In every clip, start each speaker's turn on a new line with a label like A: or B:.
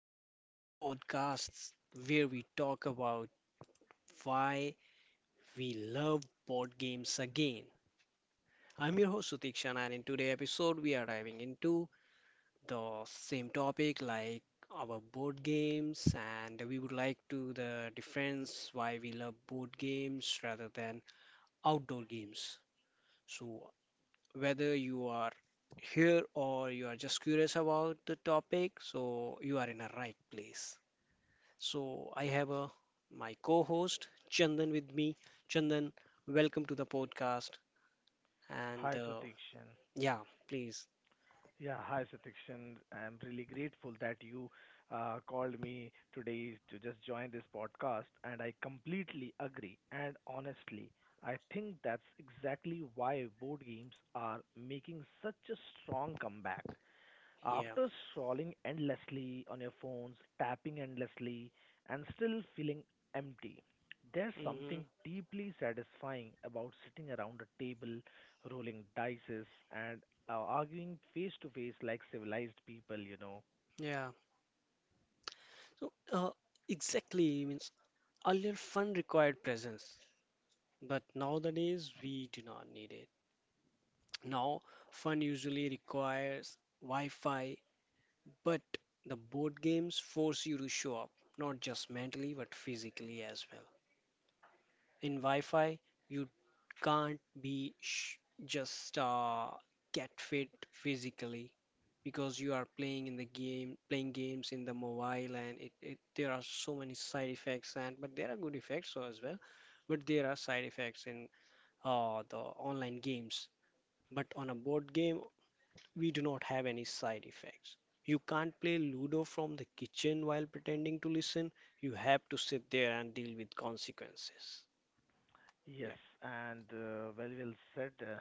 A: to the podcasts where we talk about why we love board games again. I'm your host Sutikshan, and in today's episode, we are diving into the same topic like our board games, and we would like to the difference why we love board games rather than outdoor games. So, whether you are here or you are just curious about the topic, so you are in a right place. So I have a my co-host Chandan with me. Chandan, welcome to the podcast.
B: Hi,
A: And
B: Satikshan.
A: Yeah, please,
B: Yeah, hi, Satikshan. I'm really grateful that you called me today to just join this podcast, and I completely agree. And honestly, I think that's exactly why board games are making such a strong comeback.
A: yeah,
B: After scrolling endlessly on your phones, tapping endlessly, and still feeling empty, there's
A: hmm
B: something deeply satisfying about sitting around a table, rolling dices, and arguing face to face like civilized people, you know.
A: yeah. So exactly means earlier fun required presence, but nowadays we do not need it. Now fun usually requires Wi-Fi, but the board games force you to show up, not just mentally but physically as well. In Wi-Fi, you can't be sh just get fit physically because you are playing in the game, playing games in the mobile, and it there are so many side effects and but there are good effects so as well, but there are side effects in the online games. But on a board game, we do not have any side effects. You can't play Ludo from the kitchen while pretending to listen. You have to sit there and deal with consequences.
B: Yes,
A: Yeah.
B: and very well said,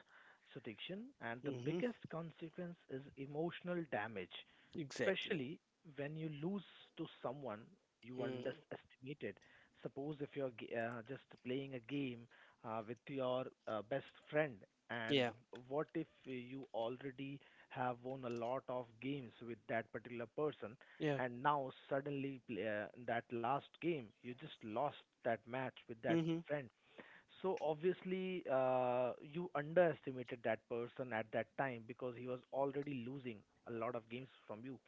B: Sutikshan. And the
A: Hmm.
B: biggest consequence is emotional damage,
A: Exactly.
B: especially when you lose to someone you
A: Mm.
B: underestimated. Suppose if you're just playing a game with your best friend, and
A: Yeah.
B: what if you already have won a lot of games with that particular person,
A: Yeah.
B: and now suddenly play, in that last game you just lost that match with that
A: Mm-hmm.
B: friend. So obviously, you underestimated that person at that time because he was already losing a lot of games from you.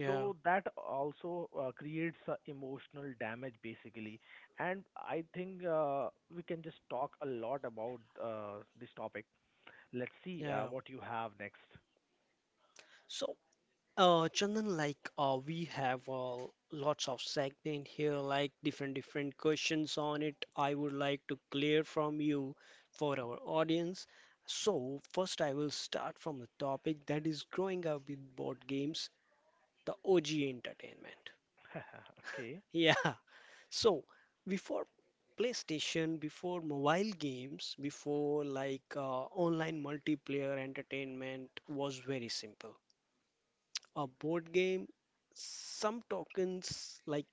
A: Yeah.
B: So that also creates a emotional damage basically. And I think we can just talk a lot about this topic. Let's see
A: Yeah.
B: what you have next.
A: So, Chandan, like, we have lots of segment here, like different different questions on it. I would like to clear from you for our audience. So, first, I will start from the topic that is growing up with board games, the OG entertainment.
B: Okay.
A: Yeah. So, before PlayStation, before mobile games, before like online multiplayer entertainment was very simple. A board game, some tokens, like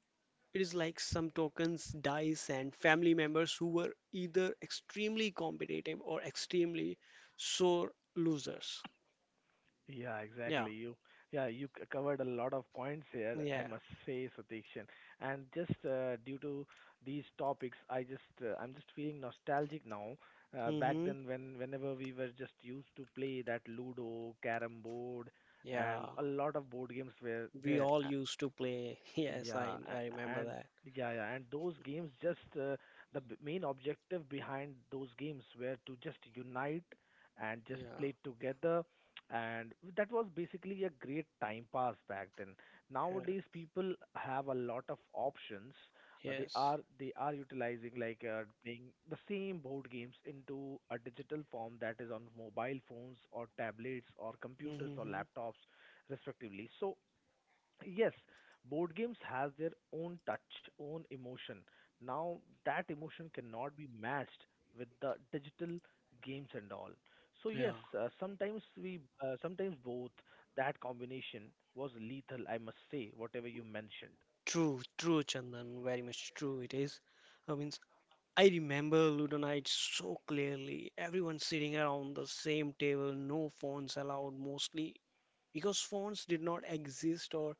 A: it is like some tokens, dice, and family members who were either extremely competitive or extremely sore losers.
B: Yeah,
A: Yeah,
B: exactly. You, yeah, you covered a lot of points here, I
A: yeah,
B: must say, Satikshan. And just due to these topics, I just, I'm just feeling nostalgic now. Back
A: mm-hmm,
B: then, when whenever we were just used to play that Ludo, Carrom board,
A: yeah.
B: and a lot of board games were
A: We
B: there.
A: all used to play. Yes,
B: Yeah,
A: I
B: a-
A: remember
B: and
A: that.
B: yeah, yeah, and those games just the main objective behind those games were to just unite and just
A: Yeah,
B: play together, and that was basically a great time pass back then.
A: yeah,
B: Nowadays, people have a lot of options. They
A: yes.
B: are they are utilizing like playing the same board games into a digital form that is on mobile phones or tablets or computers or
A: Mm-hmm.
B: laptops respectively. So yes, board games has their own touch, own emotion. Now that emotion cannot be matched with the digital games and all. So yes,
A: Yeah,
B: sometimes we, sometimes both. That combination was lethal, I must say. Whatever you mentioned.
A: true, true, Chandan, very much true it is. I mean, I remember Ludo night so clearly. Everyone sitting around the same table, no phones allowed mostly because phones did not exist or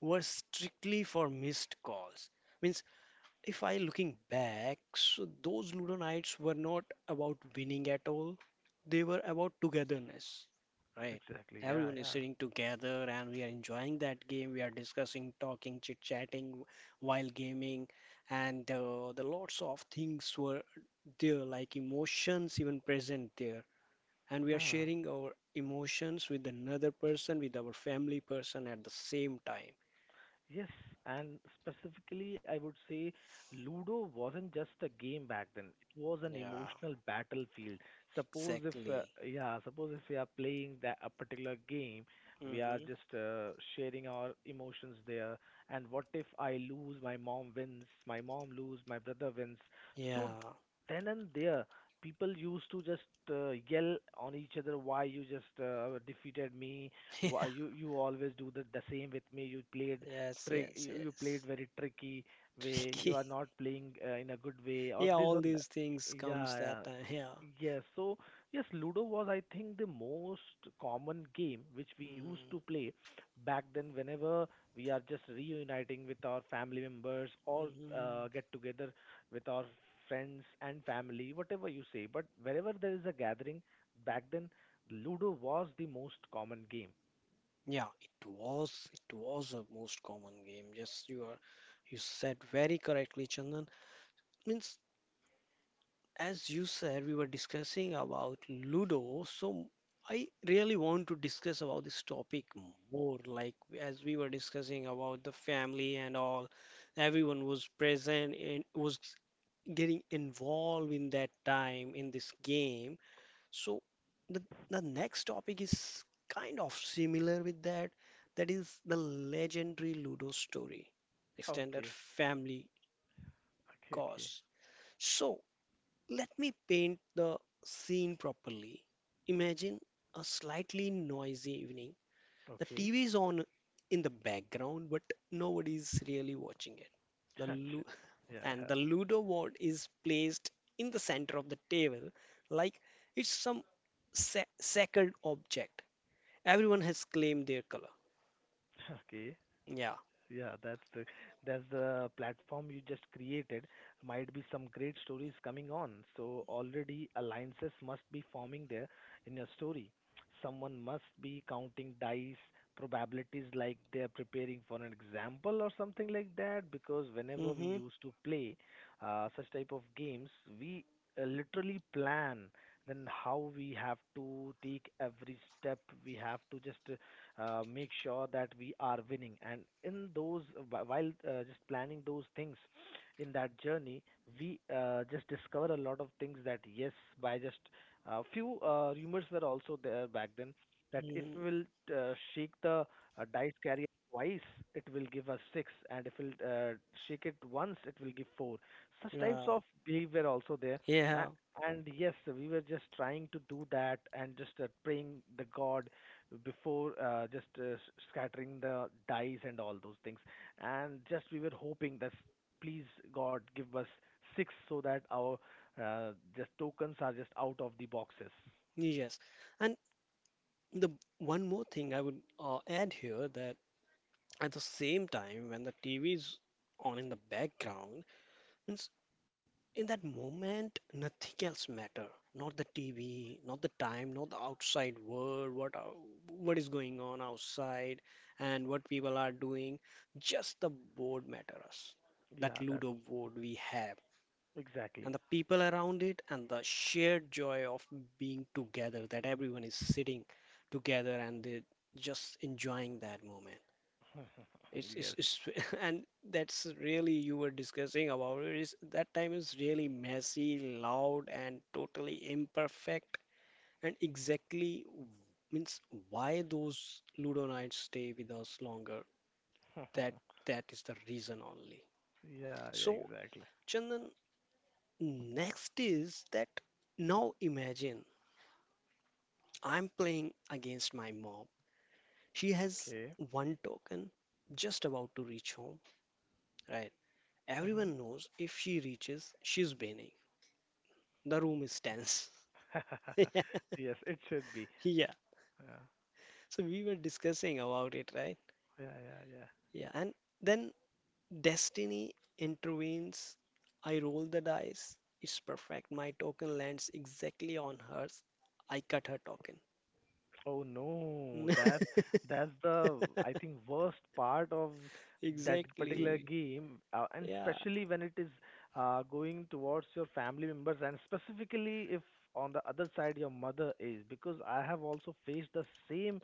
A: were strictly for missed calls. Means if I looking back, so those Ludo nights were not about winning at all. They were about togetherness, right?
B: Exactly. Yeah.
A: Everyone is
B: Yeah.
A: sitting together and we are enjoying that game. We are discussing, talking, chit-chatting while gaming, and the lots of things were there, like emotions even present there. And we are
B: Yeah.
A: sharing our emotions with another person, with our family person at the same time.
B: Yes, and specifically, I would say Ludo wasn't just a game back then. It was an
A: Yeah,
B: emotional battlefield. Suppose if,
A: exactly.
B: yeah, suppose if we are playing that a particular game, we are
A: Hmm.
B: just sharing our emotions there. And what if I lose, my mom wins, my mom lose, my brother wins. So
A: Yeah.
B: then and there, people used to just yell on each other, "Why you just defeated me? Why
A: Yeah,
B: you you always do the same with me? You played
A: yes, yes,
B: you you played
A: yes.
B: very tricky way. You
A: Tricky.
B: are not playing in a good way, or
A: Yeah,
B: this
A: all
B: on
A: these
B: that."
A: things comes
B: Yeah, yeah.
A: that time. Yeah.
B: Yes, so yes, Ludo was, I think, the most common game which we used
A: Mm,
B: to play back then whenever we are just reuniting with our family members or
A: mhm.
B: get together with our friends and family, whatever you say. But wherever there is a gathering, back then, Ludo was the most common game.
A: Yeah, it was a most common game. Yes, you are you said very correctly, Chandan. Means as you said, we were discussing about Ludo, so I really want to discuss about this topic more, like as we were discussing about the family and all, everyone was present and was getting involved in that time in this game. So the the next topic is kind of similar with that. That is the legendary Ludo story, extended
B: Okay,
A: family
B: okay, okay,
A: cause. So let me paint the scene properly. Imagine a slightly noisy evening. The
B: okay.
A: TV is on in the background, but nobody's really watching it. The
B: Gotcha.
A: Lu
B: Yeah, I
A: and
B: have.
A: the Ludo board is placed in the center of the table like it's some sa- sacred object. Everyone has claimed their color.
B: Okay.
A: Yeah.
B: Yeah, that's the platform you just created. Might be some great stories coming on. So already alliances must be forming there in your story. Someone must be counting dice, probabilities like they're preparing for an example or something like that. Because whenever we
A: Mm-hmm.
B: used to play such type of games, we literally plan then how we have to take every step. We have to just make sure that we are winning. And in those, while just planning those things in that journey, we just discover a lot of things that yes, by just a few rumors were also there back then that if
A: Hmm.
B: we will shake the dice carrier twice, it will give us six, and if we'll shake it once, it will give four. Such types
A: Yeah.
B: of belief were also there. A-
A: Yeah.
B: and yes, we were just trying to do that and just praying the God before scattering the dice and all those things. And just we were hoping that please God give us six so that our just tokens are just out of the boxes.
A: Yes. And the one more thing I would add here that at the same time when the TV is on in the background, means in that moment, nothing else matter. Not the TV, not the time, not the outside world, what ou- what is going on outside and what people are doing. Just the board matters. That
B: Yeah, that's
A: Ludo board we have and the
B: exactly.
A: people around it and the shared joy of being together that everyone is sitting together and they just enjoying that moment. It's, it's,
B: Yes.
A: it's and that's really you were discussing about it is that time is really messy, loud, and totally imperfect. And exactly w- means why those Ludo nights stay with us longer. That that is the reason only.
B: Yeah, yeah,
A: So
B: exactly.
A: Chandan, next is that now imagine I'm playing against my mom. She has
B: Okay.
A: one token just about to reach home, right?
B: Hmm.
A: Everyone knows if she reaches, she's winning. The room is tense. Yeah.
B: Yes, it should be.
A: Yeah.
B: Uh,
A: So we were discussing about it, right?
B: yeah, yeah, yeah.
A: Yeah. And then destiny intervenes. I roll the dice. It's perfect. My token lands exactly on hers. I cut her token.
B: Oh no, that's the I think worst part of that particular
A: Exactly.
B: game, and
A: Yeah.
B: especially when it is going towards your family members, and specifically if on the other side your mother is, because I have also faced the same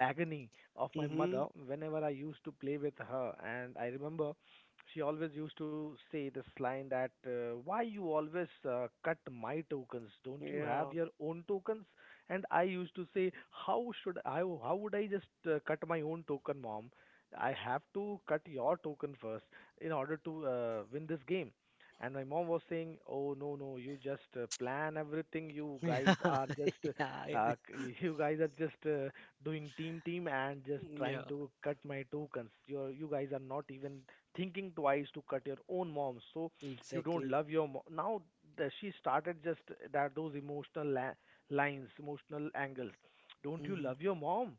B: agony of my mother
A: Mm-hmm.
B: whenever I used to play with her. And I remember she always used to say this line that, "Why you always cut my tokens? Don't you have
A: Yeah.
B: your own tokens?" And I used to say, "How should I, how would I just cut my own token, mom? I have to cut your token first in order to win this game." And my mom was saying, "Oh no, no! You just plan everything. You guys are
A: Yeah.
B: just
A: Yeah.
B: c- you guys are just doing team team and just trying
A: Yeah.
B: to cut my tokens. You guys are not even thinking twice to cut your own mom, so you don't
A: Exactly.
B: love your mom now." She started just that those emotional lines, emotional angles. "Don't you
A: Hmm.
B: love your mom?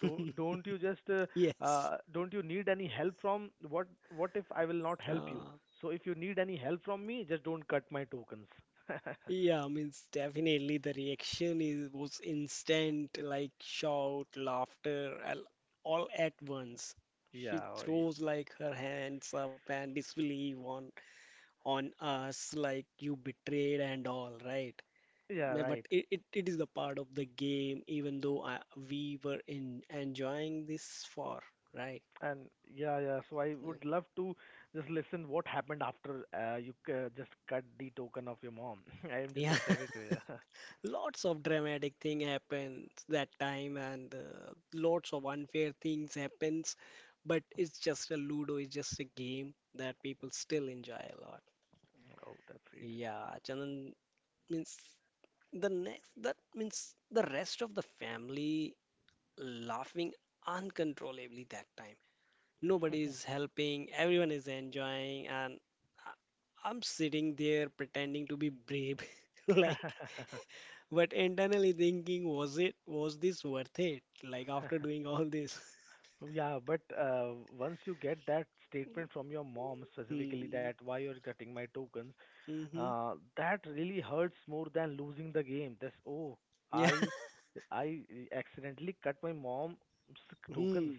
B: Do, don't you just
A: Yes.
B: don't you need any help from what if I will not help you
A: Uh,
B: so if you need any help from me just don't cut my tokens."
A: Yeah, I mean, it's definitely the reaction is was instant, like shout, laughter, al- all at once. She
B: Yeah oh,
A: throws like her hands up and disbelief on us, like you betrayed and all, right?
B: yeah
A: No, but
B: right.
A: it is the part of the game, even though I, we were in enjoying this for, right?
B: And yeah, yeah. So I would love to just listen what happened after just cut the token of your mom. I am just
A: Yeah.
B: excited to hear.
A: Lots of dramatic thing happens that time and lots of unfair things happens, but it's just a Ludo, it's just a game that people still enjoy a lot.
B: Oh, that's sweet.
A: Yeah, Chandan means the next that means the rest of the family laughing uncontrollably that time. Nobody is helping, everyone is enjoying, and I'm sitting there pretending to be brave, like but internally thinking, was it, was this worth it? Like after doing all this.
B: Yeah, but once you get that statement from your mom specifically
A: Hmm.
B: that why you're cutting my tokens,
A: Mm-hmm.
B: that really hurts more than losing the game. That's oh,
A: Yeah.
B: I I accidentally cut my mom's tokens.
A: Hmm.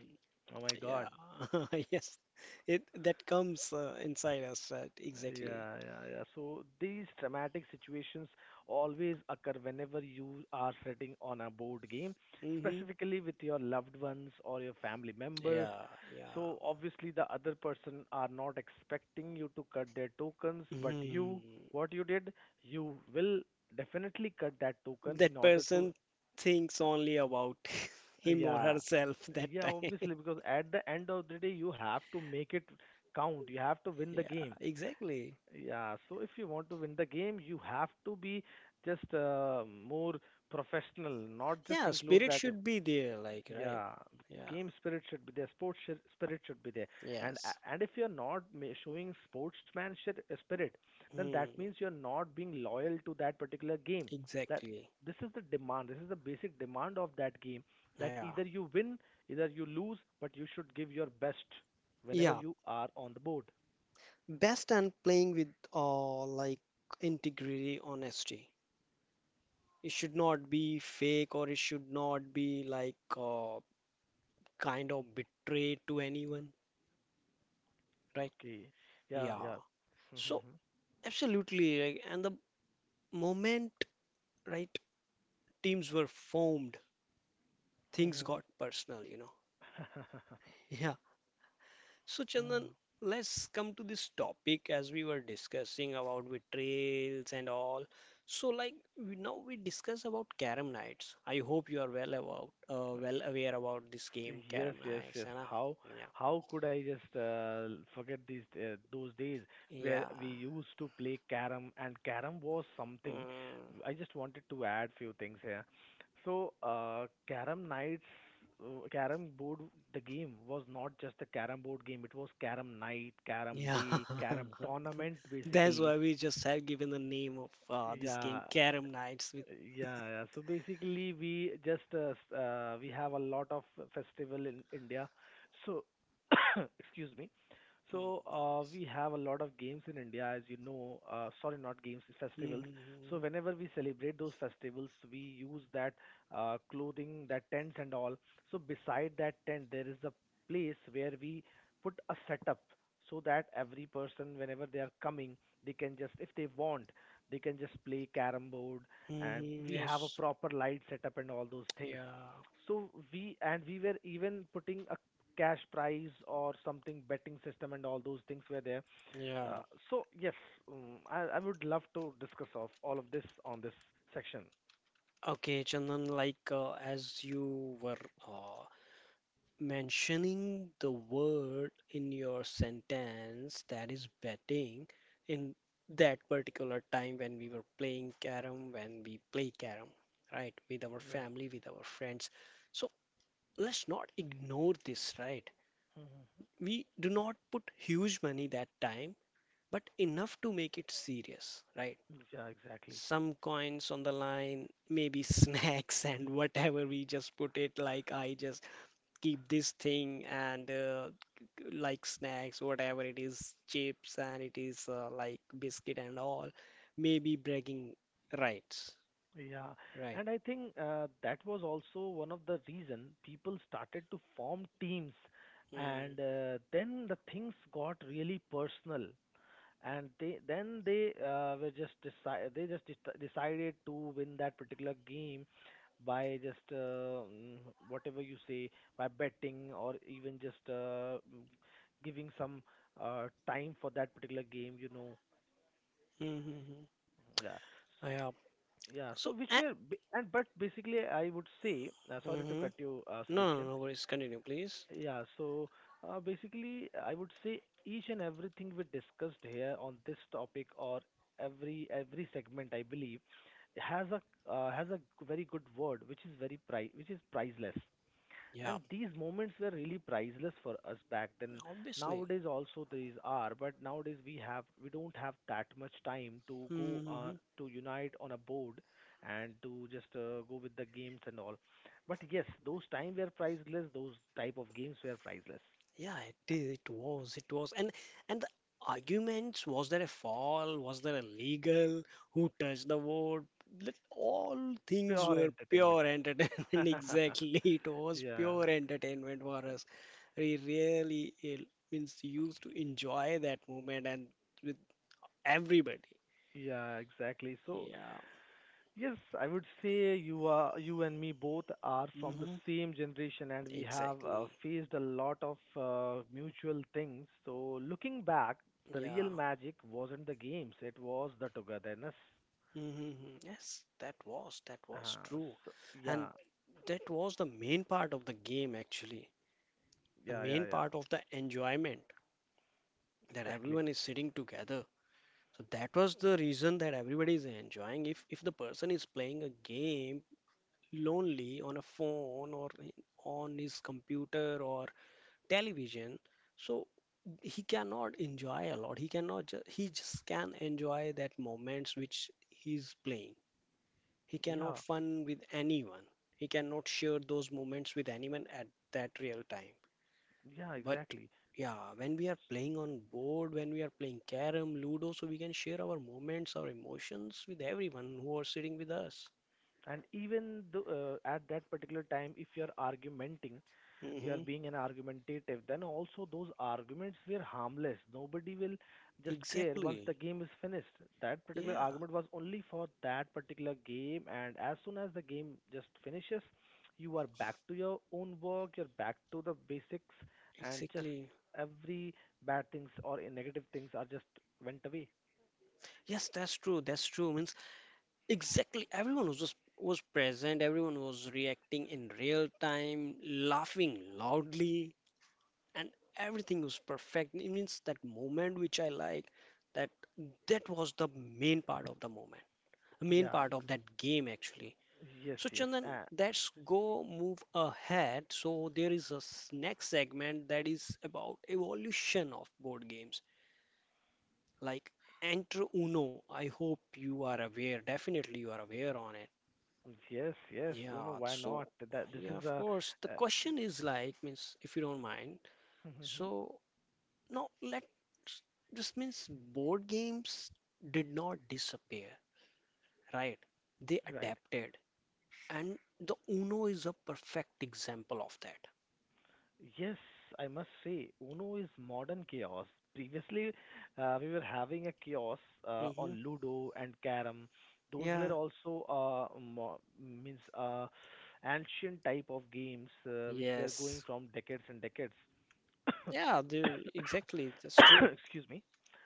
B: Oh my God.
A: Yeah. Yes. It that comes inside us exactly.
B: Yeah, yeah, yeah. So these dramatic situations always occur whenever you are sitting on a board game,
A: Mm-hmm.
B: specifically with your loved ones or your family members.
A: Yeah. Yeah.
B: So obviously the other person are not expecting you to cut their tokens, but
A: Hmm.
B: you, what you did, you will definitely cut that token in
A: That
B: order to,
A: person thinks only about him or
B: yeah,
A: herself that
B: yeah,
A: time.
B: obviously because at the end of the day you have to make it count. You have to win the
A: Yeah,
B: game.
A: exactly.
B: Yeah, so if you want to win the game, you have to be just more professional, not just
A: Yeah,
B: include
A: spirit
B: that.
A: should be there, like, right?
B: Yeah,
A: Yeah,
B: game spirit should be there, sports spirit should be there,
A: yes.
B: and if you're not showing sportsmanship spirit, then
A: Hmm,
B: that means you're not being loyal to that particular game. That
A: exactly.
B: this is the demand, this is the basic demand of that game. That
A: Yeah.
B: either you win, either you lose, but you should give your best whenever
A: Yeah,
B: you are on the board.
A: best and playing with like integrity, honesty. It should not be fake or it should not be like kind of betray to anyone, right?
B: Okay. Yeah,
A: Yeah.
B: yeah.
A: So
B: Mhm.
A: absolutely, right? And the moment, right, teams were formed, things
B: Mhm.
A: got personal, you know.
B: Mhm.
A: Yeah. So, Chandan,
B: Mhm.
A: let's come to this topic as we were discussing about with trails and all. So, like we, now we discuss about Carom Nights. I hope you are well about, well aware about this game,
B: Yes,
A: Carom
B: yes,
A: Nights,
B: yes.
A: है ना? Yeah,
B: How could I just forget these those days where
A: yeah,
B: we used to play carom and carom was something.
A: mm,
B: I just wanted to add few things here. So carom nights, carom board, the game was not just a carom board game. It was carom night, carom
A: yeah.
B: day, carom tournament
A: That's
B: basically.
A: why we just have given the name of this
B: Yeah,
A: game, Carom Nights, with.
B: yeah, yeah. So basically, we just we have a lot of festival in India. So excuse me. So
A: Mm, nice.
B: we have a lot of games in India, as you know. Sorry, not games, festivals. So
A: Mhm,
B: whenever we celebrate those festivals, we use that clothing, that tents and all. So beside that tent, there is a place where we put a setup so that every person, whenever they are coming, they can just, if they want, they can just play carrom board, and
A: mhm,
B: we have a
A: yes,
B: proper light setup and all those things.
A: yeah,
B: So we and we were even putting a cash prize or something, betting system, and all those things were there. uh,
A: yeah.
B: so yes, I would love to discuss of all of this on this section.
A: Okay, Chandan, like as you were uh, mentioning the word in your sentence that is betting in that particular time when we were playing carom, when we play carom, right, with our
B: Yeah.
A: family, with our friends. So let's not ignore this, right?
B: Mm-hmm.
A: We do not put huge money that time, but enough to make it serious, right?
B: Yeah, exactly.
A: Some coins on the line, maybe snacks and whatever we just put it like I just keep this thing and like snacks, whatever it is, chips and it is like biscuit and all, maybe bragging rights,
B: Yeah,
A: right?
B: and I think that was also one of the reason people started to form teams,
A: Mm.
B: and then the things got really personal. And they then they were just decide they just deci- decided to win that particular game by just mm, whatever you say by betting or even just giving some time for that particular game.
A: Mm-hmm.
B: Yeah. S-
A: Yeah.
B: yeah,
A: So,
B: so which were ba- and but basically I would say, sorry to
A: mm-hmm.
B: cut you,
A: No, no,
B: Sudhikshan.
A: no worries. Continue, please.
B: Yeah, so basically, I would say each and everything we discussed here on this topic, or every segment, I believe, has a uh, has a very good word, which is very pri which is priceless,
A: Yeah,
B: and these moments were really priceless for us back then.
A: obviously.
B: Nowadays also these are, but nowadays we don't have that much time to go
A: Mm-hmm, mm-hmm.
B: to unite on a board and to just go with the games and all. But yes, those time were priceless, those type of games were priceless.
A: Yeah, it is, it was, and the arguments, was there a fall, was there a legal, who touched the board? Like, all things
B: Pure
A: were
B: entertainment.
A: pure entertainment. Exactly, it was
B: yeah.
A: pure entertainment for us. We really eh, means used to enjoy that moment and with everybody.
B: Yeah, exactly. So
A: Yeah.
B: yes, I would say you are, you and me both are from the
A: Mm-hmm.
B: same generation, and we have
A: Exactly.
B: faced a lot of mutual things. So looking back, the
A: Yeah.
B: real magic wasn't the games, it was the togetherness.
A: Mm-hmm. Yes, that was
B: Uh,
A: true,
B: so,
A: and
B: yeah.
A: that was the main part of the game actually. The
B: Yeah, yeah,
A: main
B: yeah.
A: part of the enjoyment that
B: Exactly.
A: everyone is sitting together so that was the reason that everybody is enjoying if the person is playing a game lonely on a phone or on his computer or television so he cannot enjoy a lot he cannot ju- he just can enjoy that moments which he's playing he cannot
B: Yeah,
A: fun with anyone he cannot share those moments with anyone at that real time.
B: yeah,
A: But
B: exactly.
A: yeah, when we are playing on board, when we are playing carom, ludo, so we can share our moments, our emotions with everyone who are sitting with us.
B: And even at that particular time, if you're argumenting, you are
A: Hmm.
B: being an argumentative, then also those arguments were harmless. Nobody will just care once
A: Exactly.
B: the game is finished. That particular
A: Yeah,
B: argument was only for that particular game, and as soon as the game just finishes, you are back to your own work, you're back to the basics, and just
A: exactly.
B: every bad things or negative things are just went away.
A: Yes, that's true. That's true. Means exactly everyone was just was present, everyone was reacting in real time, laughing loudly, and everything was perfect. It means that moment which I like, that that was the main part of the moment, main
B: Yeah.
A: part of that game actually.
B: Yes,
A: So
B: yes,
A: Chandan, let's go move ahead. So there is a s- next segment that is about evolution of board games, like Enter Uno. I hope you are aware. Definitely you are aware on it.
B: yes, yes. Oh, no,
A: Yeah.
B: why
A: So
B: not? That this
A: yeah,
B: is
A: of
B: a
A: course. The
B: uh,
A: question is like means if you don't mind. So no, let this means board games did not disappear, right? They
B: right.
A: adapted, and the Uno is a perfect example of that.
B: Yes, I must say, Uno is modern chaos. Previously, we were having a chaos
A: Mm-hmm.
B: on Ludo and Carom. Those were
A: Yeah,
B: also mo- means ancient type of games which were going
A: yes.
B: from decades and decades.
A: Yeah, dude, exactly. That's true.
B: excuse me.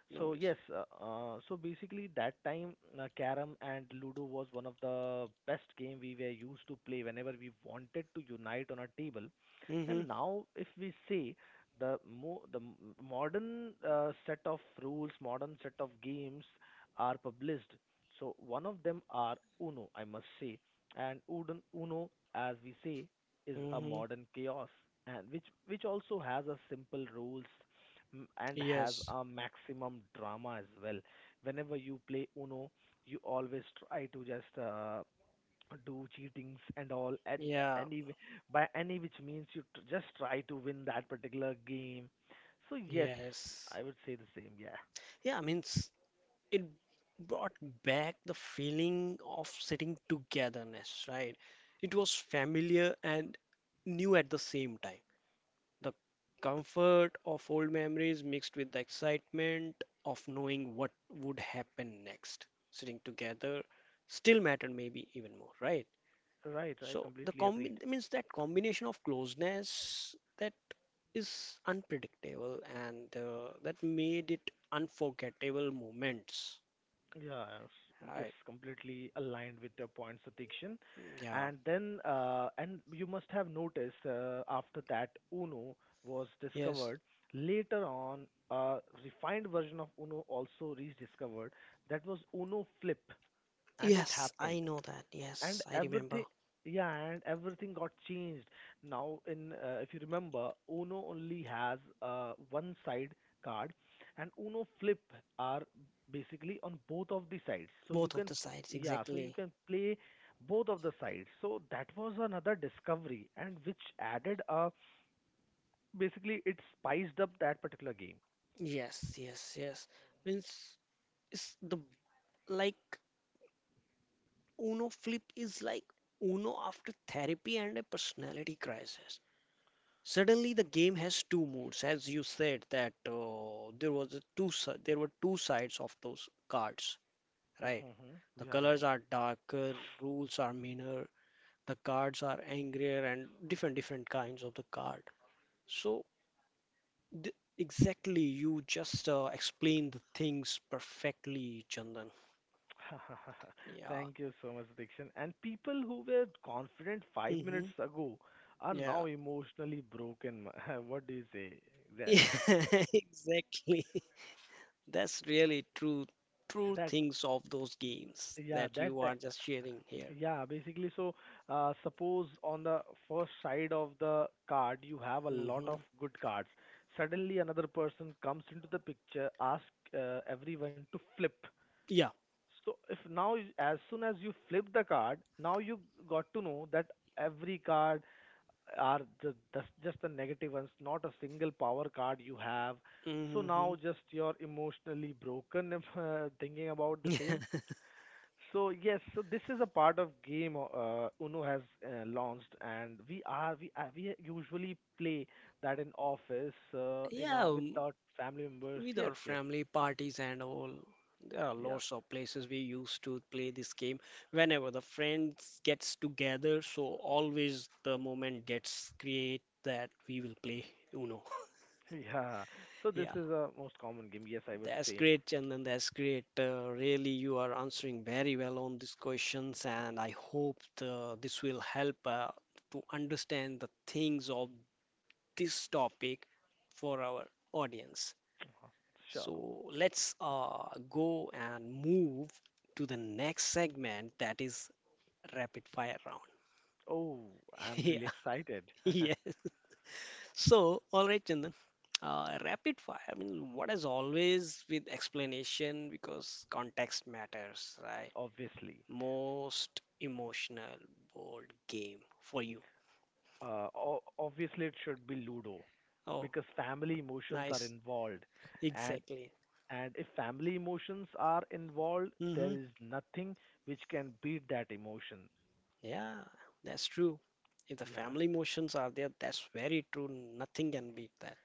A: No
B: So
A: worries.
B: yes, so basically that time, carom and ludo was one of the best game we were used to play whenever we wanted to unite on a table.
A: Mm-hmm.
B: And now if we say the mo- the m- modern set of rules, modern set of games are published, so one of them are uno, I must say. And uno, as we say, is a
A: Mm-hmm.
B: modern chaos, and which also has a simple rules and has
A: Yes.
B: a maximum drama as well. Whenever you play Uno, you always try to just do cheatings and all, and
A: Yeah.
B: any w- by any which means you just try to win that particular game. So yes,
A: Yes.
B: I would say the same. Yeah,
A: Yeah, I mean, s- it brought back the feeling of sitting togetherness, right? It was familiar and new at the same time. The comfort of old memories mixed with the excitement of knowing what would happen next. Sitting together still mattered, maybe even more, right?
B: right, right,
A: So the
B: completely agreed.
A: combination of closeness that is unpredictable and that made it unforgettable moments.
B: Yeah, yes,
A: Right.
B: completely aligned with your points, Satikshan.
A: Yeah.
B: And then, and you must have noticed after that Uno was
A: Yes.
B: discovered, later on, a refined version of Uno also rediscovered. That was Uno Flip, and it
A: Yes,
B: happened,
A: I know that.
B: and
A: Yes, I
B: everything.
A: remember
B: Yeah, and everything got changed. Now in, if you remember, uno only has one side card, and uno flip are basically on both of the sides, so you
A: both of
B: can,
A: the sides
B: yeah, so you
A: exactly.
B: can play both of the sides. So that was another discovery, and which added a, basically it spiced up that particular game.
A: Yes. Yes. Yes. Means it's the like Uno flip is like Uno after therapy and a personality crisis. Suddenly, the game has two modes, as you said that there was a there were two sides of those cards, right?
B: Mm-hmm.
A: The
B: Yeah, right.
A: colors are darker, rules are meaner, the cards are angrier, and different different kinds of the card. So th Exactly, you just explained the things perfectly, Chandan. Yeah.
B: Thank you so much, Dikshan. And people who were confident five
A: Mm-hmm.
B: minutes ago are
A: Yeah.
B: now emotionally broken. What do you say? That,
A: Exactly. That's really true, true
B: that,
A: things of those games
B: yeah,
A: that you are just sharing here.
B: yeah, basically. So, suppose on the first side of the card you have a lot
A: Hmm.
B: of good cards. Suddenly, another person comes into the picture, ask everyone to flip.
A: Yeah.
B: So if now as soon as you flip the card, now you got to know that every card are just the negative ones, not a single power card you have. So
A: Hmm.
B: now just you're emotionally broken if thinking about the same. So yes, so this is a part of game uno has launched, and we usually play that in office, in
A: Yeah,
B: our with
A: um,
B: our family members.
A: with
B: Yes,
A: our
B: yes,
A: family parties and all, there are
B: yeah.
A: lots of places we used to play this game. Whenever the friends gets together, so always the moment gets create that we will play Uno.
B: yeah, so this
A: Yeah,
B: is a most common game, yes, I would
A: that's
B: say.
A: great, Chandan. That's great. Really, you are answering very well on these questions, and I hope this will help to understand the things of this topic for our audience. So
B: Sure.
A: let's go and move to the next segment, that is rapid fire round.
B: Oh, I'm really
A: Yeah,
B: excited.
A: yeah. So, all right, Chandan. Rapid fire, I mean, what is always with explanation because context matters, right?
B: obviously.
A: Most emotional board game for you.
B: Obviously, it should be Ludo
A: Oh,
B: because family emotions are
A: nice.
B: involved, and
A: Exactly.
B: and if family emotions are involved, there
A: Mm-hmm.
B: is nothing which can beat that emotion.
A: Yeah, that's true. If the
B: Yeah.
A: family emotions are there, that's very true. Nothing can beat that.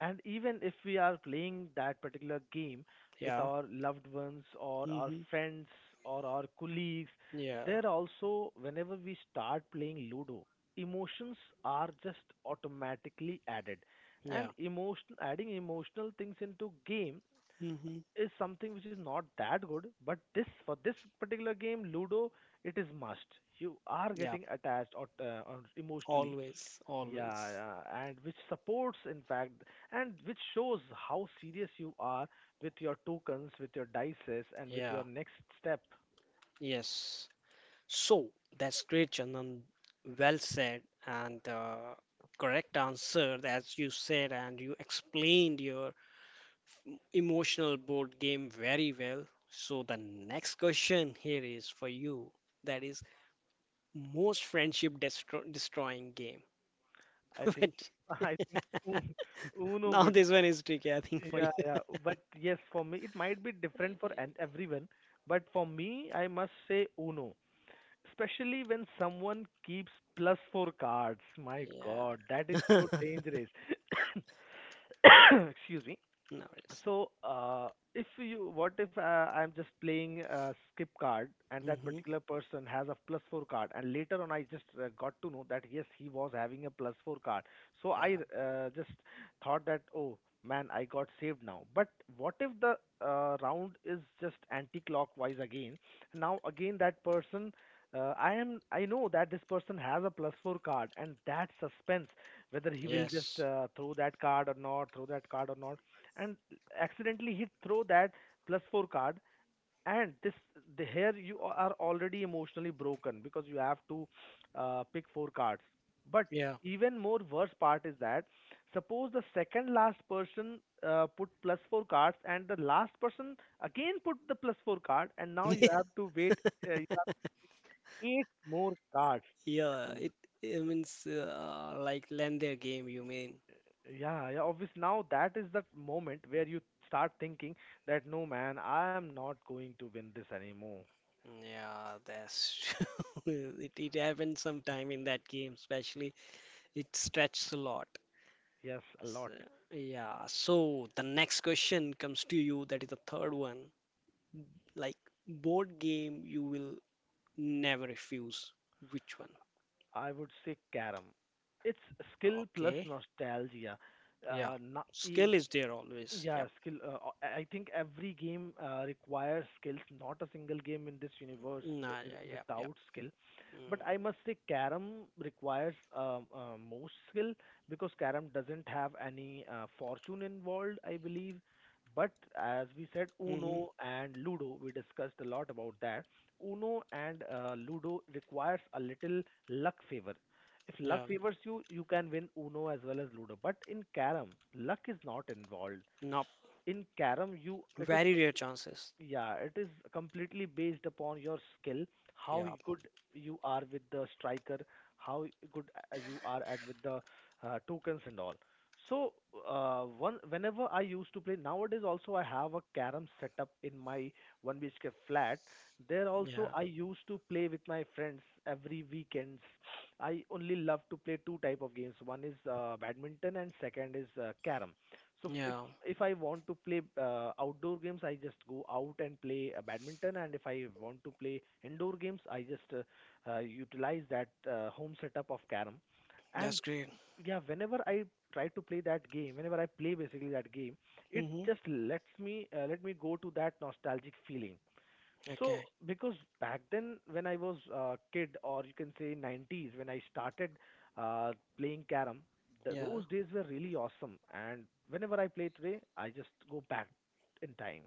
B: And even if we are playing that particular game with
A: Yeah.
B: our loved ones or our
A: Hmm.
B: friends or our colleagues,
A: Yeah.
B: there also, whenever we start playing Ludo, emotions are just automatically added.
A: Yeah.
B: And emotion, adding emotional things into game
A: Hmm.
B: is something which is not that good, but this, for this particular game ludo, it is must. You are
A: Yeah.
B: getting attached or emotionally,
A: Always.
B: yeah,
A: Always.
B: yeah, and which supports in fact, and which shows how serious you are with your tokens, with your dices, and with
A: Yeah.
B: your next step.
A: Yes. So that's great, Chandan. Well said. And correct answer, as you said, and you explained your emotional board game very well. So the next question here is for you. That is, most friendship destro destroying game.
B: I think,
A: But
B: I think Un- uno
A: now
B: would,
A: this one is tricky, I think, for you.
B: yeah, yeah, but yes, for me it might be different everyone, but for me I must say uno, especially when someone keeps plus four cards. My God, that is
A: Yeah.
B: so dangerous. Excuse me.
A: No worries.
B: So, if you, what if I'm just playing a skip card and that
A: Hmm.
B: particular person has a plus four card, and later on I just got to know that yes, he was having a plus four card. So
A: Yeah.
B: I just thought that oh man, I got saved now. But what if the round is just anti-clockwise again? Now again that person. I am. I know that this person has a plus four card, and that suspense whether he will just
A: Yes.
B: throw that card or not, throw that card or not, and accidentally he throw that plus four card, and this, the, here you are already emotionally broken because you have to pick four cards, but
A: Yeah.
B: even more worse part is that suppose the second last person put plus four cards, and the last person again put the plus four card, and now you have to wait, you have eight more cards
A: Yeah.
B: and
A: It means like lend their game, you mean?
B: yeah, yeah, obvious. Now that is the moment where you start thinking that no man, I am not going to win this anymore.
A: Yeah, that's true. It happens sometime in that game, especially it stretches a lot.
B: Yes, a lot.
A: S- Yeah, so the next question comes to you. That is the third one. Like, board game you will never refuse. Which one?
B: I would say carom. It's skill plus
A: Okay.
B: nostalgia.
A: Yeah.
B: Uh, no- e-
A: Skill is there always.
B: Yeah,
A: Yep.
B: skill. I think every game requires skills. Not a single game in this universe is
A: Nah, yeah, yep, yep.
B: without skill. But
A: Mm.
B: I must say, Karam requires most skill because Karam doesn't have any fortune involved, I believe. But as we said,
A: Mm-hmm.
B: Uno and Ludo, we discussed a lot about that. Uno and Ludo requires a little luck favor. If luck
A: Yeah.
B: favors you, you can win Uno as well as Ludo. But in Karam, luck is not involved.
A: Nope.
B: In carom you,
A: Very rare chances.
B: yeah, it is completely based upon your skill, how
A: Yeah.
B: good you are with the striker, how good you are at with the tokens and all. So one whenever I used to play, nowadays also I have a carom setup in my 1 bhk flat. There also
A: Yeah.
B: I used to play with my friends every weekends. I only love to play two type of games: one is badminton, and second is carom. So
A: Yeah.
B: if I want to play outdoor games, I just go out and play badminton, and if I want to play indoor games, I just utilize that home setup of carom. And
A: That's great.
B: yeah, whenever I try to play that game, whenever I play basically that game, it
A: Mm-hmm.
B: just lets me let me go to that nostalgic feeling. So,
A: Okay.
B: because back then when I was a kid, or you can say 90s, when I started uh, playing carom, th
A: Yeah.
B: those days were really awesome. And whenever I play today, I just go back in time.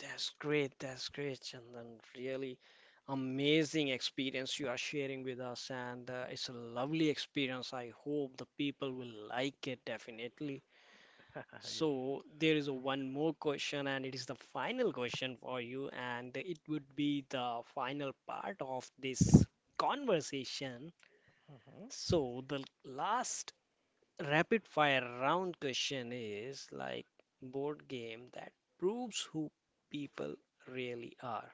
A: That's great. That's great, Chandan. Really amazing experience you are sharing with us, and it's a lovely experience. I hope the people will like it definitely.
B: Yes.
A: So there is a one more question, and it is the final question for you, and it would be the final part of this conversation.
B: Hmm.
A: So the last rapid fire round question is like board game that proves who people really are.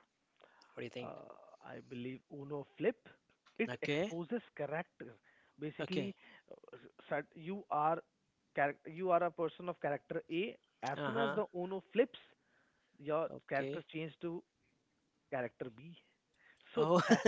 A: What do you think?
B: Uh, I believe Uno Flip, it
A: Okay,
B: exposes character. Basically,
A: okay,
B: you are you are a person of character A. As soon as
A: uh-huh,
B: the Uno flips, your character
A: okay.
B: changes to character B. So
A: Oh,
B: that,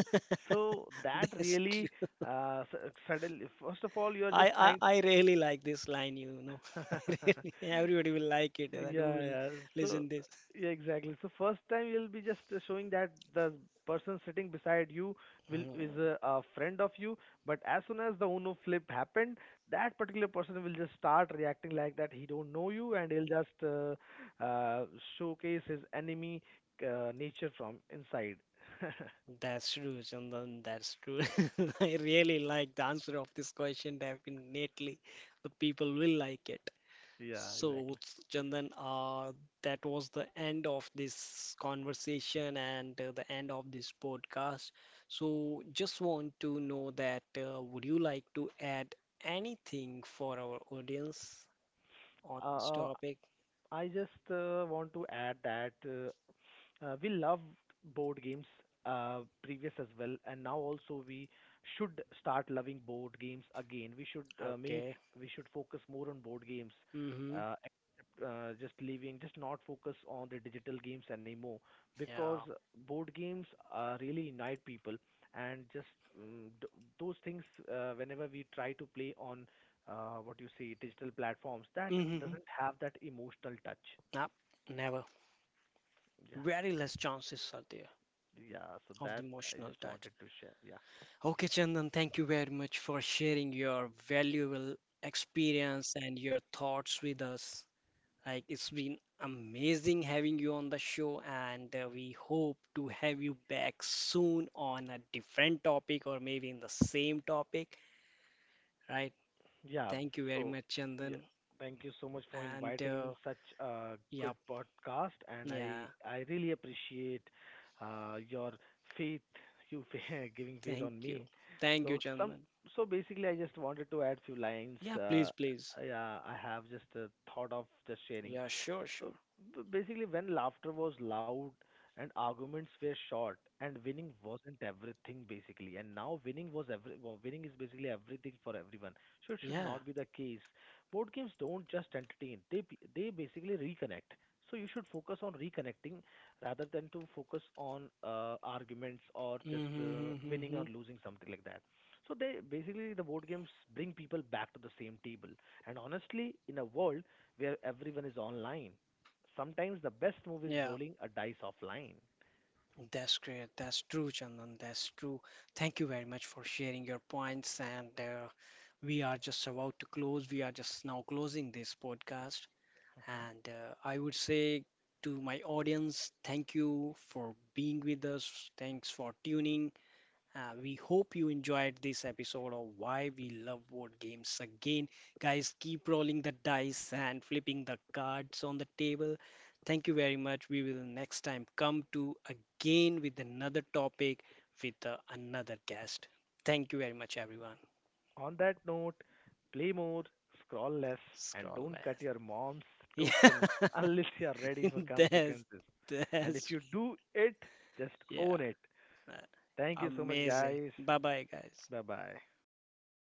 B: so that
A: that's
B: really
A: true.
B: suddenly, first of all you're
A: I,
B: just
A: I
B: trying.
A: I really like this line, you know. I really, everybody will like it that who
B: yeah,
A: will
B: yeah. So
A: listen this.
B: yeah, exactly, so first time you'll be just showing that the person sitting beside you will
A: Hmm.
B: is a friend of you, but as soon as the uno flip happened, that particular person will just start reacting like that he don't know you, and he'll just uh, showcase his enemy nature from inside.
A: That's true, Chandan. That's true. I really like the answer of this question. Definitely, the people will like it.
B: yeah,
A: So,
B: exactly.
A: Chandan, that was the end of this conversation and the end of this podcast. So, just want to know that would you like to add anything for our audience on this
B: Uh,
A: topic?
B: I just want to add that we loved board games previous as well, and now also we should start loving board games again.
A: Okay.
B: We should focus more on board games,
A: Mm-hmm.
B: just leaving, just not focus on the digital games anymore, because
A: Yeah.
B: board games really unite people, and just um, th- those things whenever we try to play on what you say digital platforms, that
A: Mm-hmm.
B: doesn't have that emotional touch.
A: Nah. Never.
B: Yeah.
A: Very less chances are there
B: Yeah. So
A: of
B: that
A: the
B: I
A: emotional
B: just wanted
A: touch.
B: to share. Yeah.
A: Okay, Chandan, thank you very much for sharing your valuable experience and your thoughts with us. Like, it's been amazing having you on the show, and we hope to have you back soon on a different topic or maybe in the same topic, right?
B: Yeah.
A: Thank you very
B: So,
A: much,
B: yeah,
A: Chandan.
B: thank you so much for
A: And
B: inviting me in such a good
A: yep,
B: podcast, and I
A: yeah,
B: I really appreciate your faith, giving faith
A: thank
B: on
A: you.
B: me.
A: Thank you,
B: So some,
A: Chandan.
B: so basically, I just wanted to add few lines.
A: Yeah, please, please.
B: Yeah, I have just a thought of just sharing.
A: Yeah, sure,
B: So
A: sure.
B: basically, when laughter was loud and arguments were short and winning wasn't everything basically, and now winning was every well, winning is basically everything for everyone, so it should
A: Yeah.
B: not be the case. Board games don't just entertain; they they basically reconnect. So you should focus on reconnecting rather than to focus on arguments or just
A: Mm-hmm,
B: winning or
A: mm-hmm.
B: losing something like that. So they basically, the board games bring people back to the same table. And honestly, in a world where everyone is online, sometimes the best move is
A: Yeah,
B: rolling a dice offline.
A: that's great. That's true, Chandan. That's true. Thank you very much for sharing your points and we are just about to close. We are just now closing this podcast. And I would say to my audience, thank you for being with us. Thanks for tuning. We hope you enjoyed this episode of Why We Love Board Games again. Guys, keep rolling the dice and flipping the cards on the table. Thank you very much. We will next time come to again with another topic with another guest. Thank you very much, everyone.
B: On that note, play more, scroll less, and
A: Scroll
B: don't cut
A: less.
B: your mom's
A: Yeah,
B: token unless you are ready for
A: that's
B: consequences. And if
A: that's
B: you do it, just
A: yeah,
B: own it. Thank
A: uh,
B: you so much,
A: amazing.
B: guys.
A: Bye bye, guys.
B: Bye bye.